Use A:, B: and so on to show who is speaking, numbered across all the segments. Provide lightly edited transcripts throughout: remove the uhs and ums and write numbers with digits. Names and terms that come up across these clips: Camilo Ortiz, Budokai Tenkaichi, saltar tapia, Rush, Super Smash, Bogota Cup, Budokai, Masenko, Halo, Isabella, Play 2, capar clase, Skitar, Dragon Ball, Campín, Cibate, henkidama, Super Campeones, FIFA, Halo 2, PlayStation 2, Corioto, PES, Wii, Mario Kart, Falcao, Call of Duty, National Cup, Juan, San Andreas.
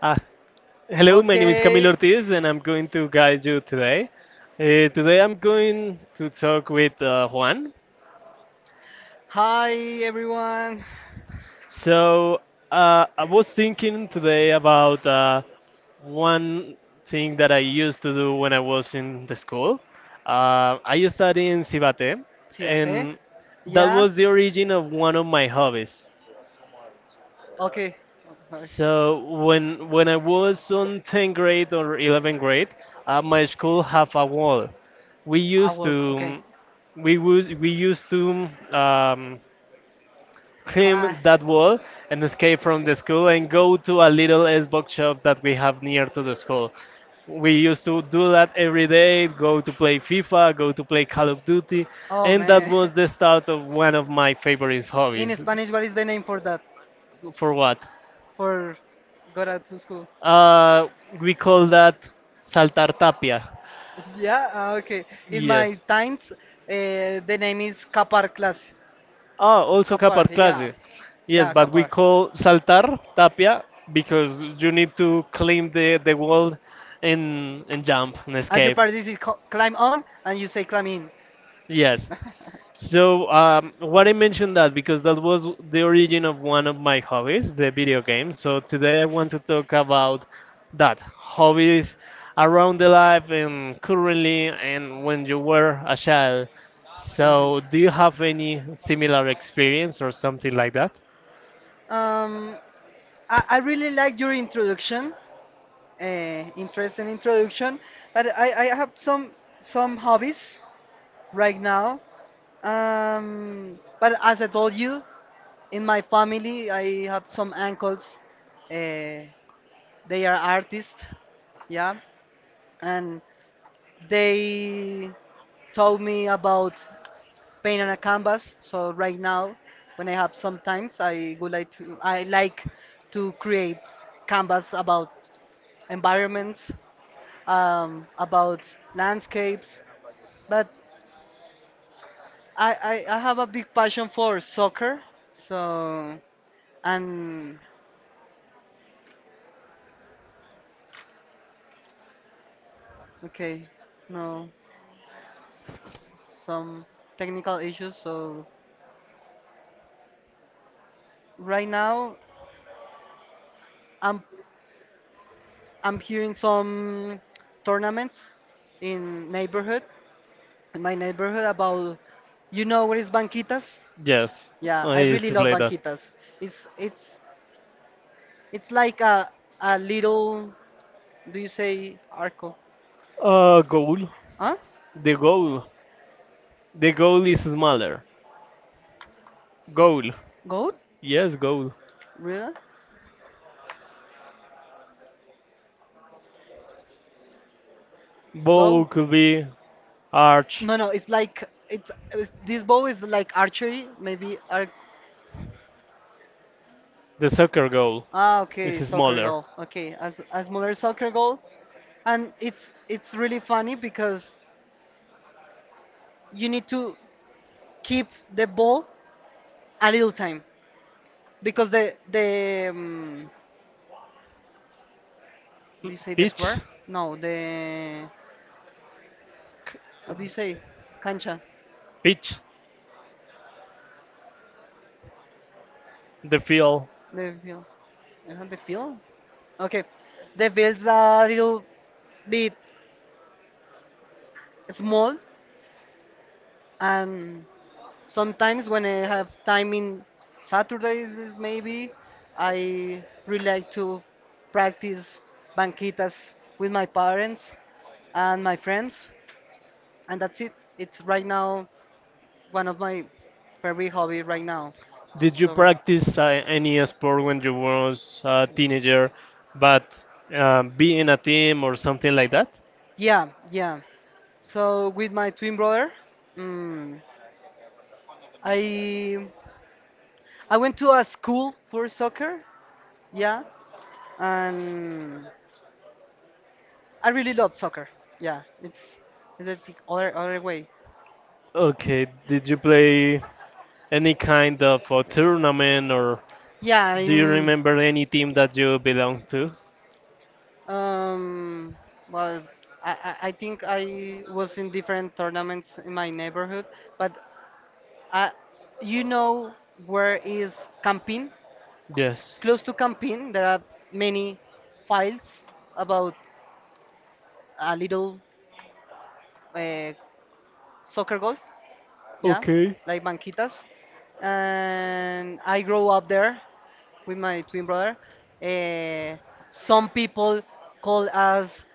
A: Ah, hello, my name is Camilo
B: Okay.
A: Ortiz and I'm going to guide you today. Today I'm going to talk with Juan.
B: Hi everyone.
A: So I was thinking today about one thing that I used to do when I was in the school. I studied in Cibate,
B: Chivate?
A: and that
B: Yeah?
A: was the origin of one of my hobbies.
B: Okay. Okay.
A: So when I was on 10th grade or 11th grade, my school have a wall. We
B: I
A: used
B: will. Okay.
A: to we used to, um,
B: Cla-
A: climb that wall and escape from the school and go to a little Xbox shop that we have near to the school. We used to do that every day, go to play FIFA, go to play Call of Duty,
B: oh
A: and that
B: man.
A: was the start of one of my favorite
B: In
A: hobbies.
B: Spanish, what is the name for that?
A: For what?
B: For go out to school.
A: Uh, we call that saltar tapia.
B: Yeah, ah, okay. In my
A: Yes.
B: times, the name is Capar clase.
A: Ah, also capar
B: Yeah.
A: clase. Yes,
B: Yeah,
A: but we
B: Kapar.
A: call saltar tapia because you need to climb the wall and jump and
B: You
A: escape.
B: practice it climb on and you say climb in.
A: Yes. So, what I mentioned that because that was the origin of one of my hobbies, the video games. So today I want to talk about that hobbies around the life and currently and when you were a child. So, do you have any similar experience or something like that?
B: Um, I really like your introduction, interesting introduction. But I have some hobbies right now. But as I told you, in my family, I have some uncles. Uh, they are artists, yeah, and they told me about paint on a canvas. So right now, when I have some times, I like to create canvas about environments, about landscapes. But I, I have a big passion for soccer. So and okay, no, s- some technical issues. So right now I'm I'm here in some tournaments in neighborhood in my neighborhood about you know what is banquitas?
A: Yes,
B: Yeah,
A: I
B: I
A: used
B: really
A: to
B: love
A: play that.
B: banquitas. It's it's it's like a little, do you say arco?
A: Goal.
B: Huh?
A: The goal. The goal is smaller. Goal.
B: Goat?
A: Yes, goal.
B: Really?
A: Ball
B: Bow.
A: could be arch.
B: No, no, it's this ball is like archery, maybe. Ar
A: The soccer goal
B: ah,
A: is
B: okay, soccer
A: smaller.
B: goal. Okay, as smaller soccer goal, and it's really funny because you need to keep the ball a little time because the do you say the
A: Pitch.
B: square? No, the how do you say cancha?
A: Pitch. The field.
B: The field, is that the field? Okay, the field's a little bit small and sometimes when I have time in Saturdays, is maybe I really like to practice banquitas with my parents and my friends, and that's it. It's right now one of my favorite hobby right now.
A: Did you
B: Soccer.
A: practice any sport when you was a teenager, but be in a team or something like that?
B: Yeah, yeah. So with my twin brother, mm, I went to a school for soccer. Yeah, and I really love soccer. Yeah, it's is that the other other way.
A: Okay, did you play any kind of a tournament or
B: Yeah,
A: do you
B: in
A: remember any team that you belong to?
B: um, well, I think I was in different tournaments in my neighborhood, but I, you know where is Campín?
A: Yes.
B: Close to Campín, there are many files about a little uh, soccer goals. Yeah,
A: Okay.
B: like banquitas, and I grow up there with my twin brother. Eh, some people call us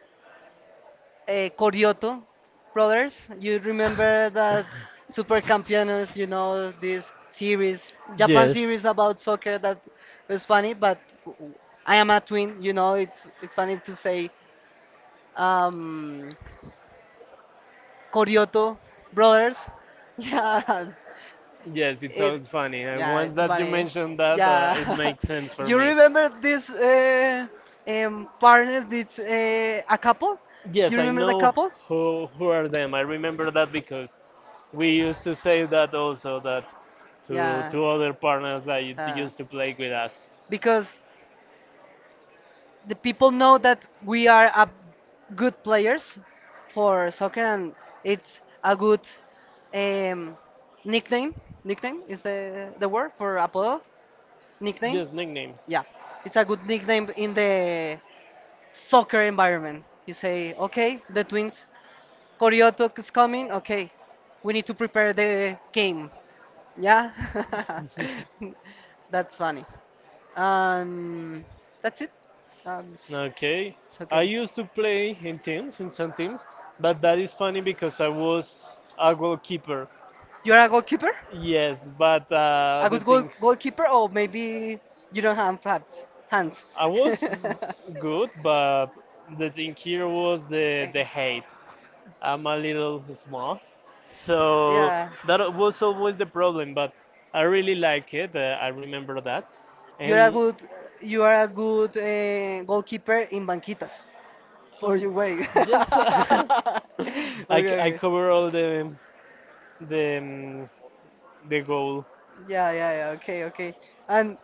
B: Corioto brothers. You remember that Super Campeones, you know, this series, Japan
A: Yes.
B: series about soccer that was funny, but w- I am a twin, you know, it's funny to say um, Corioto brothers. Yeah,
A: Yes, it sounds
B: it's
A: funny. And
B: yeah,
A: once
B: it's
A: that you
B: funny.
A: mentioned that, it
B: Yeah,
A: makes sense for
B: you
A: me.
B: remember this partner did a couple? You
A: Yes, I
B: remember the
A: know
B: couple?
A: who are them. I remember that because we used to say that also that to
B: Yeah,
A: to other partners that u-
B: so-
A: used to play with us.
B: because the people know that we are a good players for soccer, and it's a good um, nickname. Nickname is the word for Apollo. Nickname.
A: Yes, nickname.
B: Yeah, it's a good nickname in the soccer environment. You say, okay, the twins. Korea Talk is coming. Okay, we need to prepare the game. Yeah, that's funny. Um, that's it. S-
A: Okay.
B: it's
A: I
B: okay.
A: used to play in teams, in some teams, but that is funny because I was a goalkeeper.
B: You're a goalkeeper?
A: Yes, but
B: A
A: the
B: good
A: thing
B: goalkeeper, or maybe you don't have hands. Hands.
A: I was good, but the thing here was the
B: Eh,
A: hate. I'm a little small, so
B: yeah.
A: that was always the problem. But I really like it. I remember that,
B: You're a
A: and
B: good, you are a good goalkeeper in Banquitas for
A: um,
B: your way.
A: yes,
B: Okay,
A: I
B: okay.
A: cover all the the um, the goal.
B: Yeah, yeah, yeah. Okay, okay. And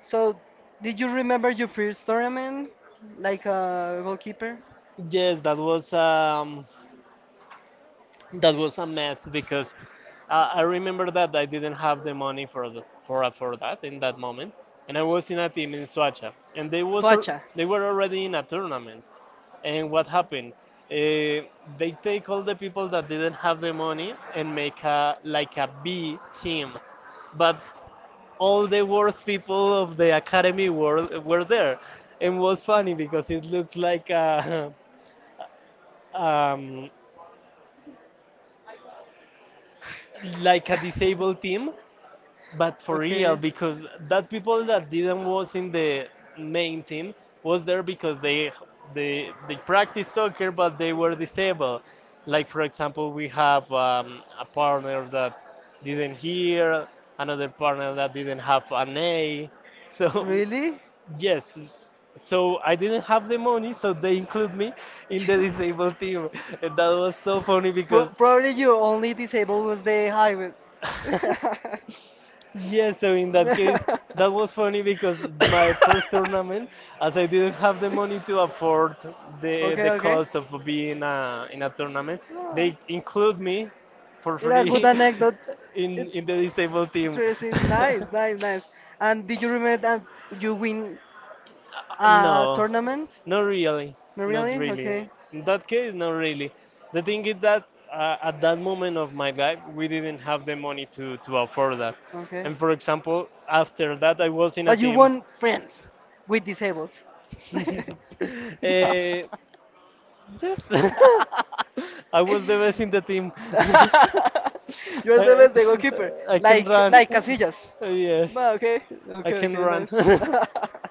B: so, did you remember your first tournament, like a goalkeeper?
A: Yes, that was a mess because I remember that I didn't have the money for for that in that moment, and I was in a team in Suacha, and
B: Soacha.
A: they were already in a tournament, and what happened? Uh, they take all the people that didn't have the money and make a like a B team, but all the worst people of the academy were there, and was funny because it looks like a um, like a disabled team. But for real, because that people that didn't was in the main team was there because they practice soccer, but they were disabled. Like for example, we have a partner that didn't hear, another partner that didn't have an A. So yes, so I didn't have the money, so they include me in the disabled team, and that was so funny
B: Pro-
A: because
B: probably your only disable was the highway.
A: yes. So in that case, that was funny because my first tournament, as I didn't have the money to afford
B: Okay,
A: the
B: okay.
A: cost of being a in a tournament,
B: Ah,
A: they include me for
B: it's a good
A: free
B: anecdote. It's
A: in the disabled team.
B: interesting. Nice, nice, nice. And did you remember that you win a
A: No,
B: tournament?
A: not really,
B: Not
A: not
B: really?
A: really.
B: Okay,
A: In that case, not really. The thing is that at that moment of my life, we didn't have the money to afford that.
B: okay.
A: And for example, after that, I was in a
B: But you
A: team.
B: want friends with disables. No.
A: Eh, yes, I was the best in the team.
B: You're the
A: I,
B: best, the goalkeeper.
A: I can run.
B: Like Casillas.
A: Yes,
B: No, okay,
A: I
B: okay,
A: can
B: okay,
A: run
B: nice.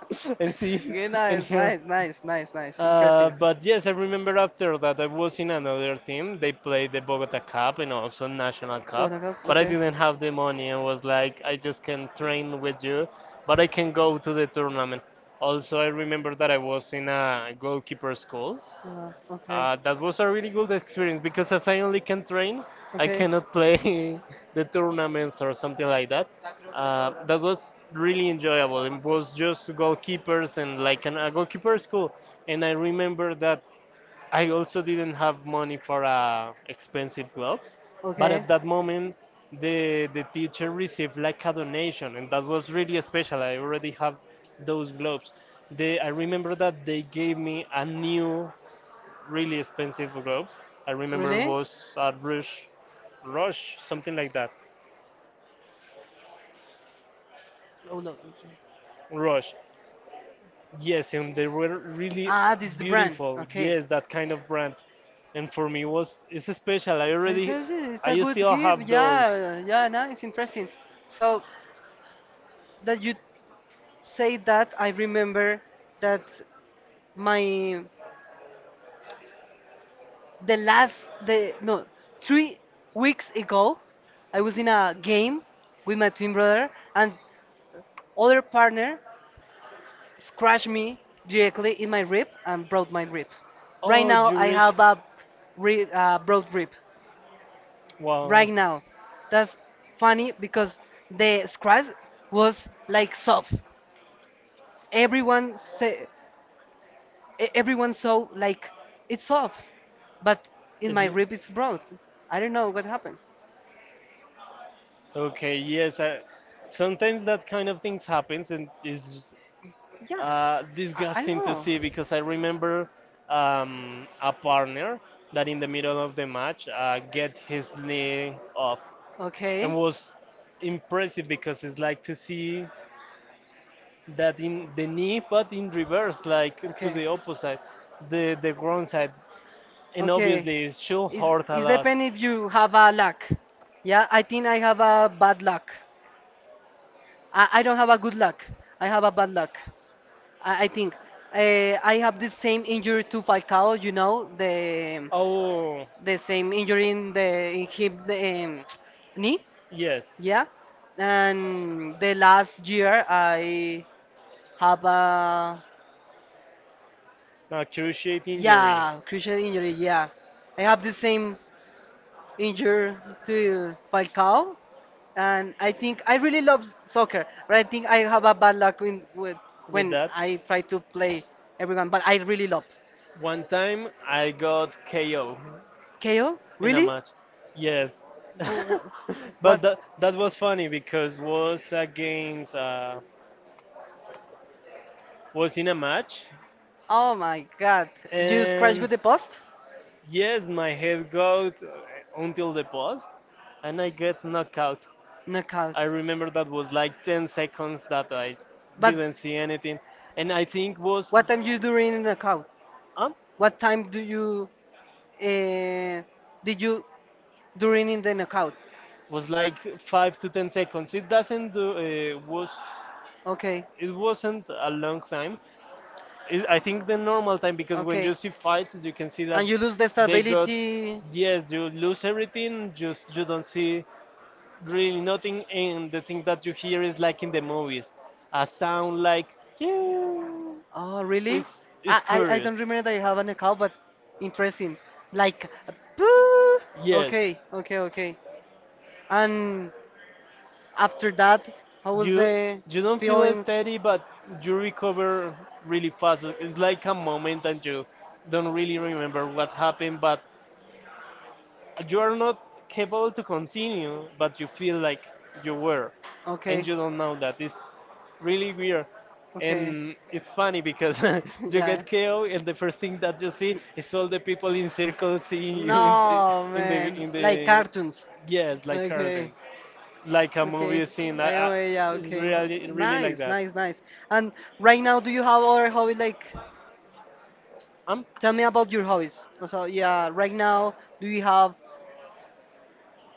A: and see
B: Okay,
A: and
B: nice,
A: hear.
B: nice, nice, nice, nice. Interesting.
A: But yes, I remember after that I was in another team. They played the Bogota Cup and also National
B: What
A: Cup,
B: I got?
A: but I
B: Okay.
A: didn't have the money. I was like, I just can train with you, but I can go to the tournament. Also, I remember that I was in a goalkeeper school,
B: Okay.
A: that was a really good experience because as I only can train, I
B: Okay.
A: cannot play the tournaments or something like that. That was really enjoyable. It was just goalkeepers and like a goalkeeper school. And I remember that I also didn't have money for expensive gloves, but at that moment the teacher received like a donation, and that was really special. I already have those gloves. They I remember that they gave me a
B: Okay.
A: new really expensive gloves. I remember it
B: Really?
A: was at Rush, Rush, something like that.
B: Oh, no. Okay.
A: Rush. Yes, and they were really
B: Ah, this is the brand.
A: beautiful.
B: Okay.
A: Yes, that kind of brand. And for me was it's special. I
B: Hey,
A: already
B: Fauzi, it's a
A: I
B: good
A: still
B: gift.
A: have those.
B: Yeah, yeah, nice, interesting. So that you say that, I remember that my the last the no 3 weeks ago, I was in a game with my twin brother and other partner, scratched me directly in my rib and broke my rib. Right
A: Oh,
B: now, I
A: Yurik.
B: have a rib, broad rib. Right now, that's funny because the
A: Wow.
B: scratch was like soft. Everyone say, e- everyone saw like it's soft, but in
A: It,
B: my
A: l-
B: rib it's broad. I don't know what happened.
A: okay, yes. I, sometimes that kind of things happens and is
B: Yeah, I don't
A: disgusting to
B: know.
A: see because I remember a partner that in the middle of the match get his knee off and
B: Okay.
A: was impressive because it's like to see that in the knee but in reverse like to
B: Okay.
A: the opposite the ground side. And obviously,
B: Okay.
A: she'll
B: It's,
A: hurt a
B: it's
A: lot.
B: depend if you have a luck. Yeah, I think I have a bad luck. I don't have a good luck. I have a bad luck. I think. I have the same injury to Falcao, you know,
A: Oh,
B: the same injury in the in hip the, um, knee.
A: yes.
B: Yeah. And the last year I have a
A: I A cruciate injury. Yeah.
B: yeah, crucial injury. Yeah, I have the same injury to Falcao, and I think I really love soccer, but I think I have a bad luck in, with
A: With
B: when
A: that.
B: I try to play everyone. But I really love
A: One time I got KO
B: KO.
A: in a
B: Really?
A: match. Yes.
B: Go- go-
A: but
B: what?
A: that, that was funny because was against was in a match,
B: Oh my God! You scratch
A: and
B: with the post?
A: yes, my head got until the post, and I get knocked out.
B: Knockout.
A: I remember that was like 10 seconds that I
B: But.
A: didn't see anything, and I think was
B: What time you during in the knockout?
A: up
B: What time do you uh, did you during in the knockout?
A: was like 5 to 10 seconds. It doesn't do, was
B: Okay,
A: it wasn't a long time. It, I think the normal time because when you
B: okay.
A: see fights, you can see that
B: And you lose the
A: they got.
B: stability.
A: Yes, you lose everything, just you don't see really nothing, and the thing that you hear is like in the movies, a sound like yeah.
B: Oh, really?
A: It's is
B: I, I
A: curious,
B: don't remember that I have an account, but interesting. Like, boo!
A: yes.
B: Okay, okay, okay. And after that, how was
A: you
B: the
A: you don't feel
B: feelings?
A: steady, but you recover really fast. It's like a moment and you don't really remember what happened, but you are not capable to continue, but you feel like you were,
B: You okay.
A: and you don't know that. It's really weird,
B: Weird. Okay.
A: and it's funny because
B: You
A: you
B: yeah.
A: get KO, and the first thing that you see is all the people in circles seeing you
B: No, man.
A: in
B: Like
A: the
B: cartoons.
A: yes, like
B: Okay.
A: cartoons, like a movie
B: Okay.
A: scene.
B: Like,
A: I,
B: oh, yeah,
A: it's
B: okay. Yeah, it's
A: really
B: really
A: really like
B: nice,
A: that.
B: nice, nice. And right now, do you have other hobby? Like,
A: I'm
B: tell me about your hobbies. So, yeah, right now, do you have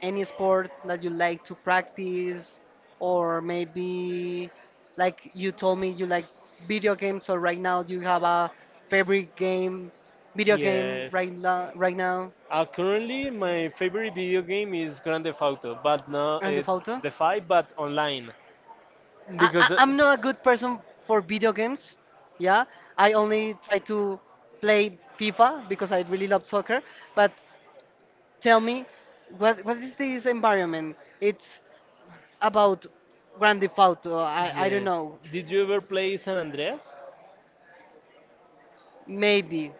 B: any sport that you like to practice or maybe like you told me you like video games so right now you have a favorite game video game
A: yes.
B: right now right now
A: Currently, my favorite video game is Grand Theft Auto, but no,
B: Grand Theft Auto?
A: the five, but online,
B: I, I,
A: because
B: I'm not a good person for video games. Yeah, I only try to play FIFA because I really love soccer. But tell me, what is this environment? It's about Grand Theft Auto. I don't
A: yes.
B: know.
A: Did you ever play San Andreas?
B: Maybe,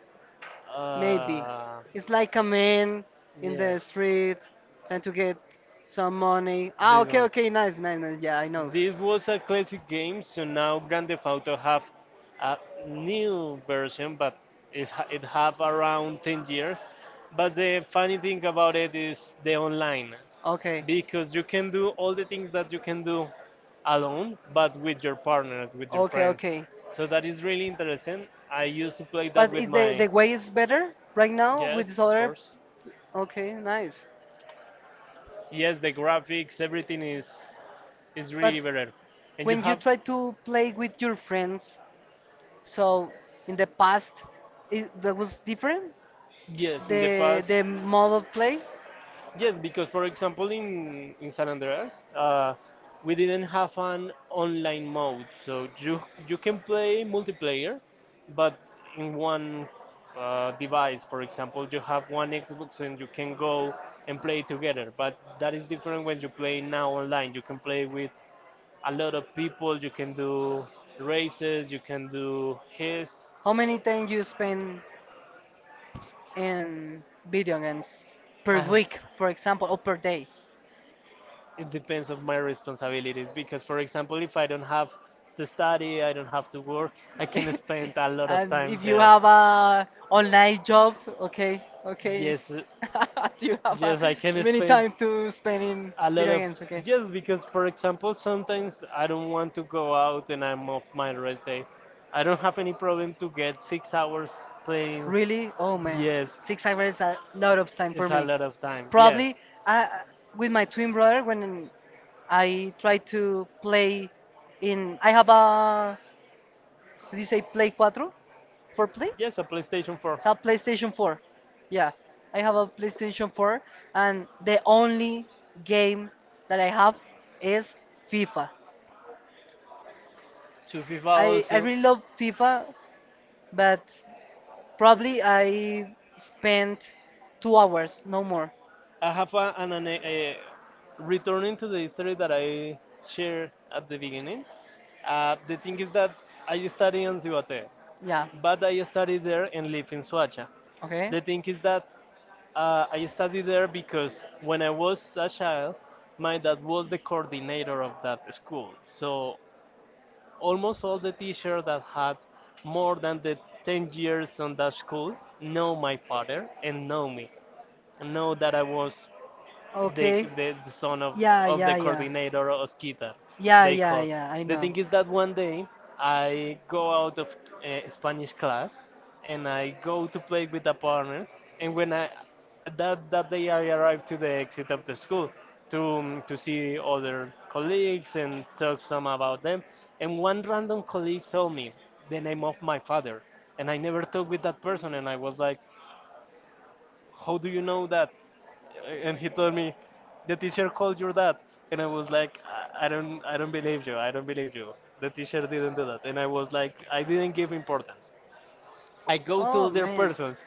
B: maybe.
A: Uh,
B: It's like a man in
A: yes.
B: the street trying to get some money. Ah,
A: This
B: okay,
A: one.
B: okay, nice, nice, nice. Yeah, I know.
A: This was a classic game, so now Grand Theft Auto have a new version, but it's, ha- it have around 10 years. But the funny thing about it is the online,
B: Okay.
A: because you can do all the things that you
B: You can
A: can
B: do
A: do alone,
B: but
A: but with your
B: partners.
A: partners, with your
B: Okay,
A: friends.
B: okay. So
A: So that
B: that is
A: is
B: really
A: really
B: interesting.
A: interesting. I
B: I
A: used
B: used
A: to play
B: to play
A: that
B: but
A: with
B: is
A: with my
B: the way is better right now with
A: yes,
B: this
A: of
B: other?
A: course.
B: Okay, nice.
A: Yes, the graphics, everything is it's
B: But
A: really better. And you
B: when you
A: have
B: try to play with your friends, so in the past, it, that was different.
A: yes in the past
B: The mode of play.
A: yes because for example in San Andreas we didn't have an online mode so you can play multiplayer but in one device for example you have one Xbox and you can go and play together but that is different when you play now online you can play with a lot of people you can do races you can do heist.
B: How many time you spend in video games per
A: I have
B: week, for example, or per day?
A: it depends of my responsibilities because for example if I don't have to study I don't have to work I can spend a lot of
B: And
A: time
B: if you
A: there.
B: have a online job, okay, okay.
A: Yes
B: Do
A: You
B: you
A: have
B: have a,
A: yes I can
B: yes, many
A: spend
B: time to spend in
A: a lot
B: video
A: of
B: games? Okay. Yes,
A: just because for example sometimes I don't want to go out and I'm off my rest day I don't have any problem to get 6 hours playing.
B: really? Oh man,
A: Yes
B: yes, 6 hours is a lot of time for
A: it's a
B: me.
A: lot of time yes
B: Probably uh, with my twin brother when I try to play in. I have a. Did you say Play cuatro? For Play?
A: yes a playstation 4
B: It's a
A: a
B: PlayStation 4. Yeah. I have a PlayStation 4, and the only game that I have is FIFA.
A: to fifa
B: I
A: also.
B: really love FIFA, but probably I spent 2 hours, no more.
A: I have a, an a, returning to the history that I shared at the beginning. The thing is that I study in Zihuate,
B: Yeah.
A: but I study there and live in Suacha. The thing is that I studied there because when I was a child, my dad was the coordinator of that school. So almost all the teachers that had more than the 10 years on that school know my father and know me and know that I was
B: Okay.
A: the son
B: Yeah,
A: of the
B: yeah,
A: yeah.
B: yeah.
A: Coordinator of Skitar.
B: Yeah,
A: They
B: yeah,
A: call.
B: yeah, I
A: The
B: know.
A: thing is that one day I go out of Spanish class and I go to play with a partner. And when I that day I arrived to the exit of the school to see other colleagues and talk some about them. And one random colleague told me the name of my father, and I never talked with that person. And I was like, how do you know that? And he told me, the teacher called your dad. And I was like, I don't believe you. I don't believe you. The teacher didn't do that. And I was like, I didn't give importance. I go to
B: Oh
A: other
B: man.
A: persons,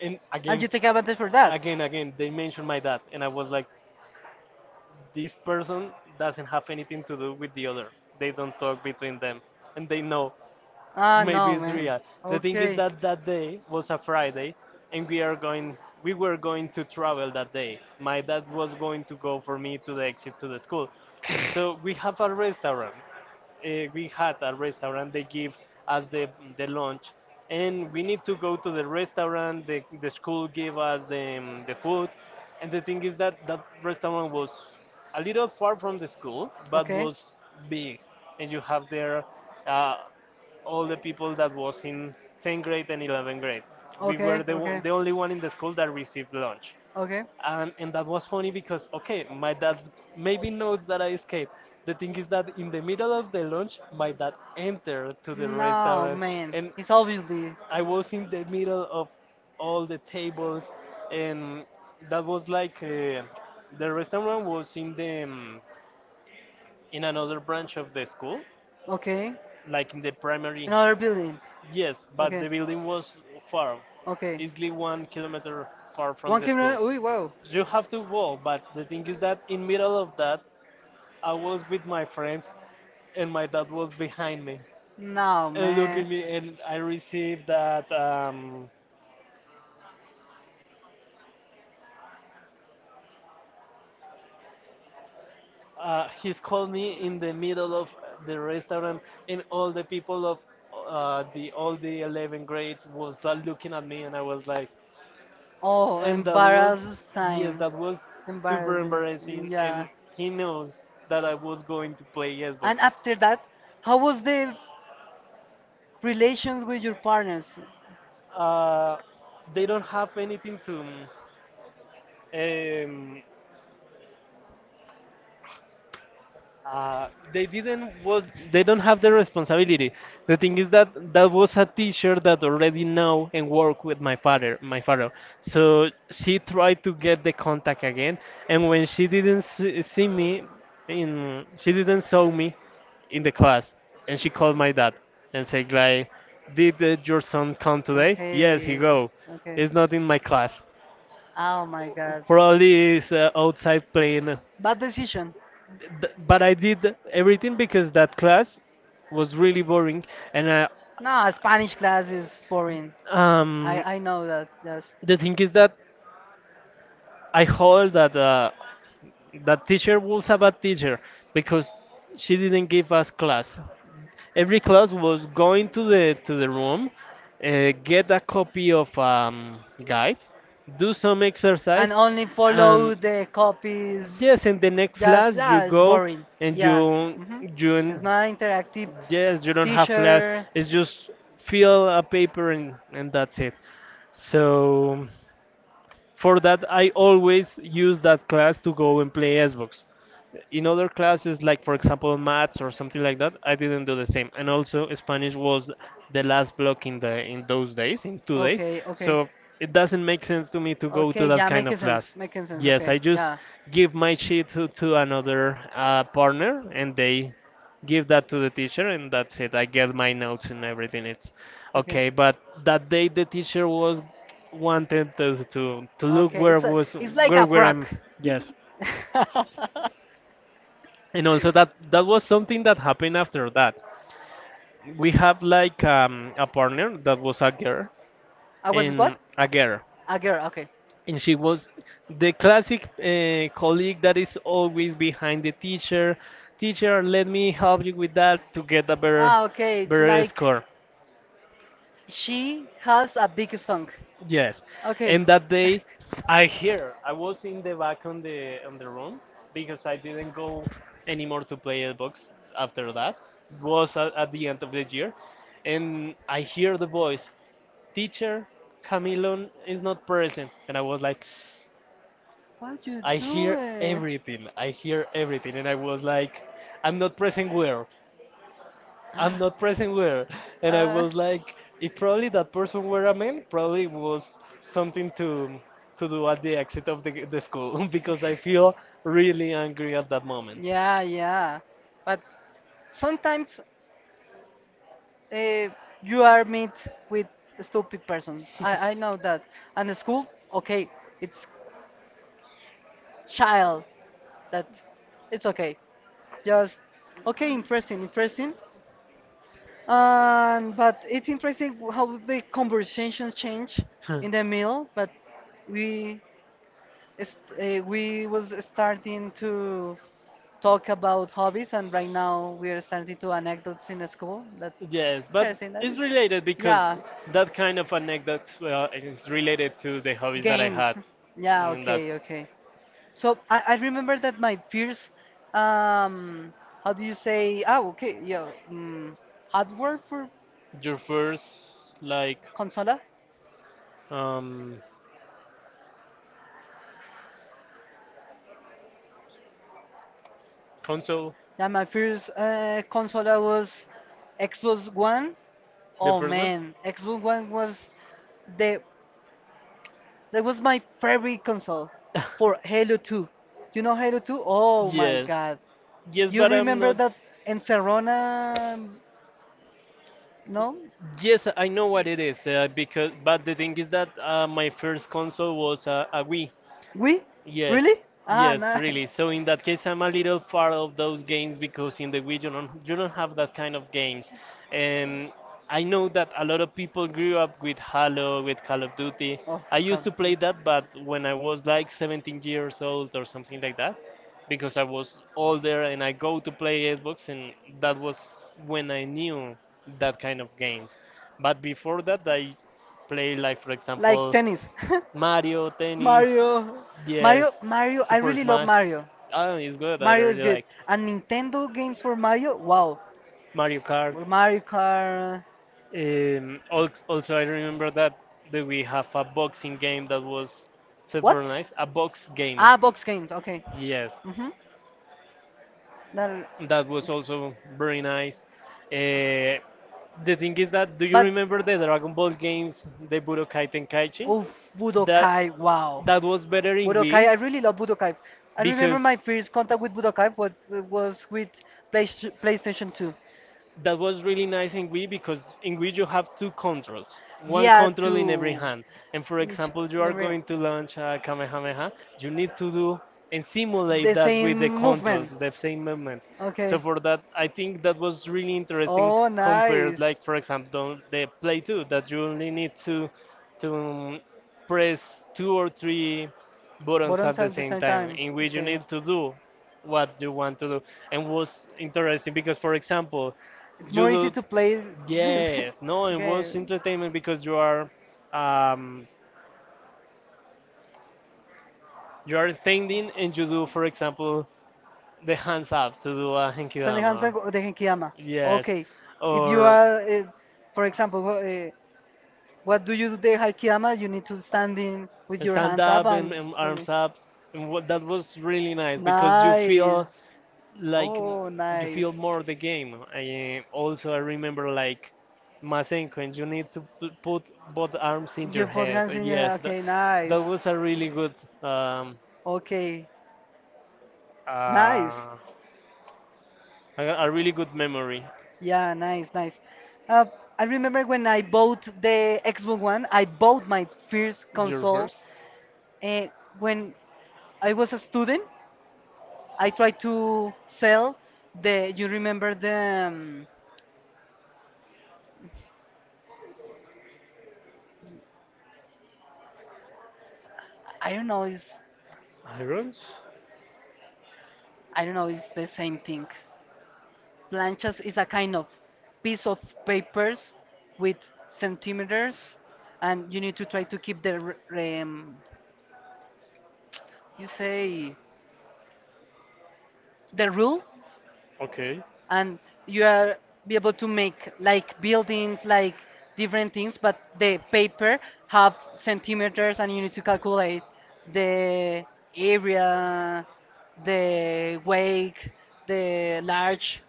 A: and
B: And you take advantage for that?
A: again, they mentioned my dad, and I was like, this person doesn't have anything to do with the other. They don't talk between them, and they know. Oh
B: Ah,
A: maybe no,
B: no,
A: it's
B: man.
A: real. The thing is, okay,
B: Okay.
A: that that day was a Friday, and we are going. We were going to travel that day. My dad was going to go for me to the exit to the school, so we had a restaurant, they give us the lunch and we need to go to the restaurant, the school give us the food, and the thing is that that restaurant was a little far from the school, but okay, was big and you have there uh, all the people that was in 10th grade and 11th grade. We, okay, were the, the only one in the school that received lunch.
B: Okay.
A: And that was funny because okay my dad maybe knows that I escaped. The thing is that in the middle of the lunch my dad entered to the
B: No,
A: restaurant
B: man.
A: and
B: It's obviously
A: I was in the middle of all the tables, and that was like, the restaurant was in the in another branch of the school,
B: okay.
A: like in the primary.
B: Another building.
A: Yes, but okay,
B: Okay.
A: the building was far, okay,
B: Okay.
A: easily 1 kilometer far from
B: One
A: the school.
B: kilometer. Uy, wow.
A: You have to walk, but the thing is that in middle of that, I was with my friends, and my dad was behind me
B: No,
A: and look at
B: man.
A: me, and I received that, he's called me in the middle of the restaurant, and all the people of, the all the 11 grades was, looking at me, and I was like,
B: Oh,
A: and that was,
B: embarrassing
A: wow, yes,
B: time.
A: that was super
B: Embarrassing.
A: embarrassing, and
B: Yeah.
A: he knows that I was going to play Xbox.
B: And after that, how was the relations with your partners?
A: uh, they don't have anything to, um, they didn't was, they don't have the responsibility. The thing is that that was a teacher that already know and work with my father, my father. So she tried to get the contact again, and when she didn't see me, in she didn't saw me in the class, and she called my dad and said like, "Did your son come today?" Yes, he
B: Okay.
A: go.
B: Okay.
A: It's not in my class.
B: Oh my God.
A: Probably is, outside playing,
B: Bad decision.
A: But I did everything because that class was really boring, and
B: No, Spanish class is boring.
A: um,
B: I know that. Just
A: the thing is that I hold that, that teacher was a bad teacher because she didn't give us class. Every class was going to the room, get a copy of guide, do some exercise,
B: and only
A: and
B: follow the copies.
A: yes, in the next
B: Just
A: class you
B: yeah, it's
A: go
B: boring.
A: and
B: Yeah.
A: you
B: Hmm.
A: you
B: It's not interactive.
A: Yes, you don't have flash.
B: Teacher.
A: It's just fill a paper and that's it. So, for that, I always use that class to go and play Xbox. In other classes, like for example maths or something like that, I didn't do the same. And also, Spanish was the last block in the in those days, in 2 days.
B: Okay. Okay.
A: So it doesn't make sense to me to go to
B: Okay,
A: that
B: yeah,
A: kind of
B: making
A: class.
B: sense, making sense.
A: Yes, I
B: Okay,
A: just
B: yeah.
A: give my sheet to, another partner, and they give that to the teacher and that's it, I get my notes and everything, it's
B: Okay.
A: okay. But that day the teacher was wanted to, to look
B: Okay,
A: where
B: it's a,
A: was,
B: it's like a
A: where
B: frog.
A: I'm. Yes. And also that that was something that happened after that we have like, a partner that was a girl
B: I was
A: and
B: what?
A: a girl,
B: A girl. Okay.
A: and she was the classic colleague that is always behind the teacher, teacher let me help you with that to get a
B: Ah, okay. It's
A: better
B: like
A: score.
B: she has a big song.
A: Yes,
B: Okay.
A: and that day I hear, I was in the back on the room because I didn't go anymore to play Xbox after that. It was at, the end of the year, and I hear the voice, "Teacher, Camilo is not present," and I was like,
B: What you
A: I hear everything. I hear everything, and I was like, I'm not present where. I'm not present where. And I
B: ah.
A: was like, if probably that person were a man, probably was something to do at the exit of the school because I feel really angry at that moment.
B: Yeah, yeah. But sometimes uh, you are meet with stupid persons. I know that. And the school, okay, it's child that it's okay. Just okay, interesting, interesting. And but it's interesting how the conversations change in the middle. But we is- we was starting to talk about hobbies, and right now we are starting to anecdotes in the school. That
A: Yes, but
B: interesting. That
A: it's
B: is.
A: related because
B: Yeah,
A: that kind of anecdote is related to the hobbies that I
B: games.
A: had.
B: Yeah,
A: In that,
B: okay, okay. So I remember that my first, um, how do you say? Ah, okay, yeah, hardware for
A: your first like
B: consola.
A: um console,
B: Yeah, my first consola was Xbox One.
A: the
B: Oh
A: first one.
B: man, Xbox One was the that was my favorite console for Halo 2. You know Halo 2? Oh my
A: Yes,
B: god.
A: yes,
B: You
A: but I'm
B: remember
A: not.
B: that Encerrona? No?
A: Yes, I know what it is because. But the thing is that my first console was a Wii.
B: We?
A: Yes,
B: Really? Ah,
A: yes,
B: nice.
A: really. So in that case, I'm a little far of those games because in the Wii you don't have that kind of games. And I know that a lot of people grew up with Halo, with Call of Duty.
B: Oh,
A: I used
B: come.
A: to play that, but when I was like 17 years old or something like that, because I was older and I go to play Xbox, and that was when I knew that kind of games. But before that, I play like, for
B: Like
A: example,
B: tennis.
A: Mario, tennis,
B: Mario. Mario,
A: yes,
B: Mario, I
A: Super
B: really love
A: Smash.
B: Mario.
A: I don't know, it's good. I
B: Mario is
A: really
B: good.
A: like
B: And Nintendo games for Mario? Wow.
A: Mario Kart.
B: Mario Kart.
A: Also, I remember that we have a boxing game that was super
B: What?
A: nice. A box game.
B: Ah, box games. Okay.
A: Yes,
B: Mhm. That.
A: that was also very nice. Uh, the thing is that, do you
B: But
A: remember the Dragon Ball games, the Budokai Tenkaichi?
B: oh,
A: That
B: Budokai. Wow.
A: that was better in
B: Budokai. I really
A: Wii
B: love Budokai. I remember
A: because
B: my first contact with Budokai was with Play, PlayStation 2.
A: that was really nice in Wii because in Wii you have two controls, one
B: Yeah,
A: control in every
B: to
A: hand. And for
B: Nichi-
A: example, you are
B: never-
A: going to launch a Kamehameha, you need to do and simulate
B: the
A: that
B: same
A: with the controls,
B: movement.
A: the same movement. So
B: Okay.
A: for that, I think that was really interesting
B: Oh,
A: compared, nice,
B: nice.
A: like for example, the Play 2 that you only need to to um, press two or three buttons at
B: Buttons
A: the
B: at the
A: same
B: same
A: time,
B: time.
A: in which you
B: Okay.
A: need to do what you want to do. And was interesting because for example
B: It's
A: you
B: more easy
A: do,
B: to play this
A: yes, no, it was
B: game.
A: entertainment because you are, um, you are standing and you do for example the hands up to do a The hands
B: Standing Hamza
A: up henkidama,
B: or the Genkiyama.
A: yes. Okay.
B: Okay.
A: You
B: If you
A: or
B: are, for example, wha- what do you do there, Haikiyama? You need to stand in with your
A: stand
B: hands up
A: and,
B: and stand in.
A: arms up and what, that was really nice because you feel
B: Nice.
A: like
B: Oh,
A: you
B: nice.
A: feel more the game. I also I remember like Masenko and you need to put both arms in your
B: You put
A: head.
B: hands in your
A: Yes,
B: hand.
A: that
B: Okay, nice.
A: that was a really good, um
B: Okay, nice.
A: uh a, really good memory.
B: Yeah, nice, nice. Uh, I remember when I bought the Xbox One, I bought my first
A: Your
B: console
A: first
B: uh, when I was a student. I try to sell the. You remember the? Um, I don't know. It's
A: irons,
B: I don't know. It's the same thing. Planchas is a kind of piece of papers with centimeters, and you need to try to keep the. R- um, you say the rule
A: okay,
B: and you are be able to make like buildings like different things but the paper have centimeters and you need to calculate the area the wake the large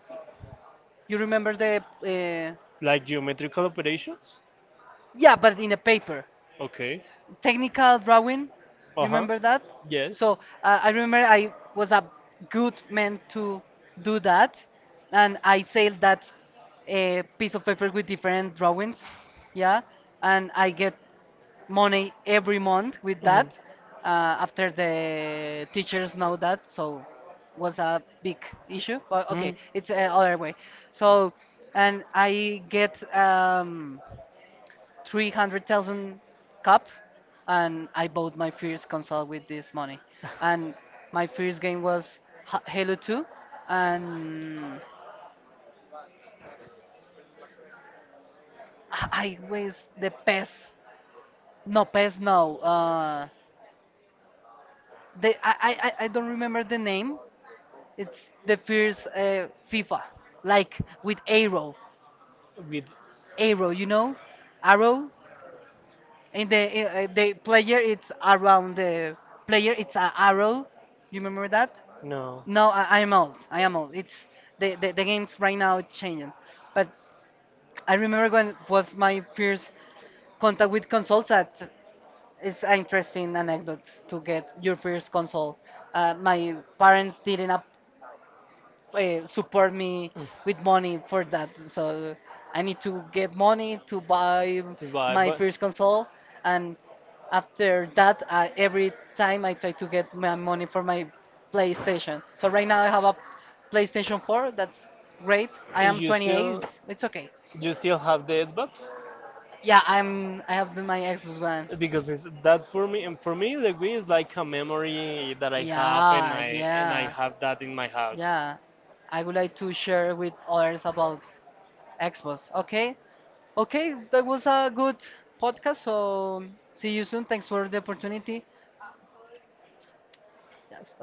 B: you remember the
A: like geometrical operations,
B: yeah but in a paper
A: okay,
B: technical drawing.
A: uh
B: You
A: huh,
B: remember that?
A: yes,
B: So I remember I was a good man to do that, and I sailed that piece of paper with different drawings. Yeah, and I get money every month with
A: mhm.
B: that. After the teachers know that, so was a big issue. But okay,
A: Mhm.
B: it's other way. So and I get 300,000 cup and I bought my first console with this money. And my first game was Ha- Halo 2 and I was the PES. No, PES, no. The, I don't remember the name. It's the first FIFA, like with arrow.
A: With
B: Arrow, you know? Arrow. And the player, it's around the player, it's an arrow. You remember that?
A: no.
B: No, I'm old. I am old. It's the games right now it's changing. But I remember when it was my first contact with consoles that it's an interesting anecdote to get your first console. My parents didn't support me with money for that. So I need to get money to buy
A: To buy,
B: my first console, and after that, every time I try to get my money for my PlayStation. So right now I have a PlayStation 4. That's great. I
A: and
B: am
A: you
B: 28.
A: still,
B: It's okay.
A: do you still have the Xbox?
B: Yeah, I'm. I have my Xbox One.
A: Because it's that for me, and for me the Wii is like a memory that I have, and
B: Yeah,
A: I
B: yeah,
A: have that in my house.
B: yeah. I would like to share with others about Xbox. Okay. Okay, that was a good podcast. So see you soon. Thanks for the opportunity. Yes,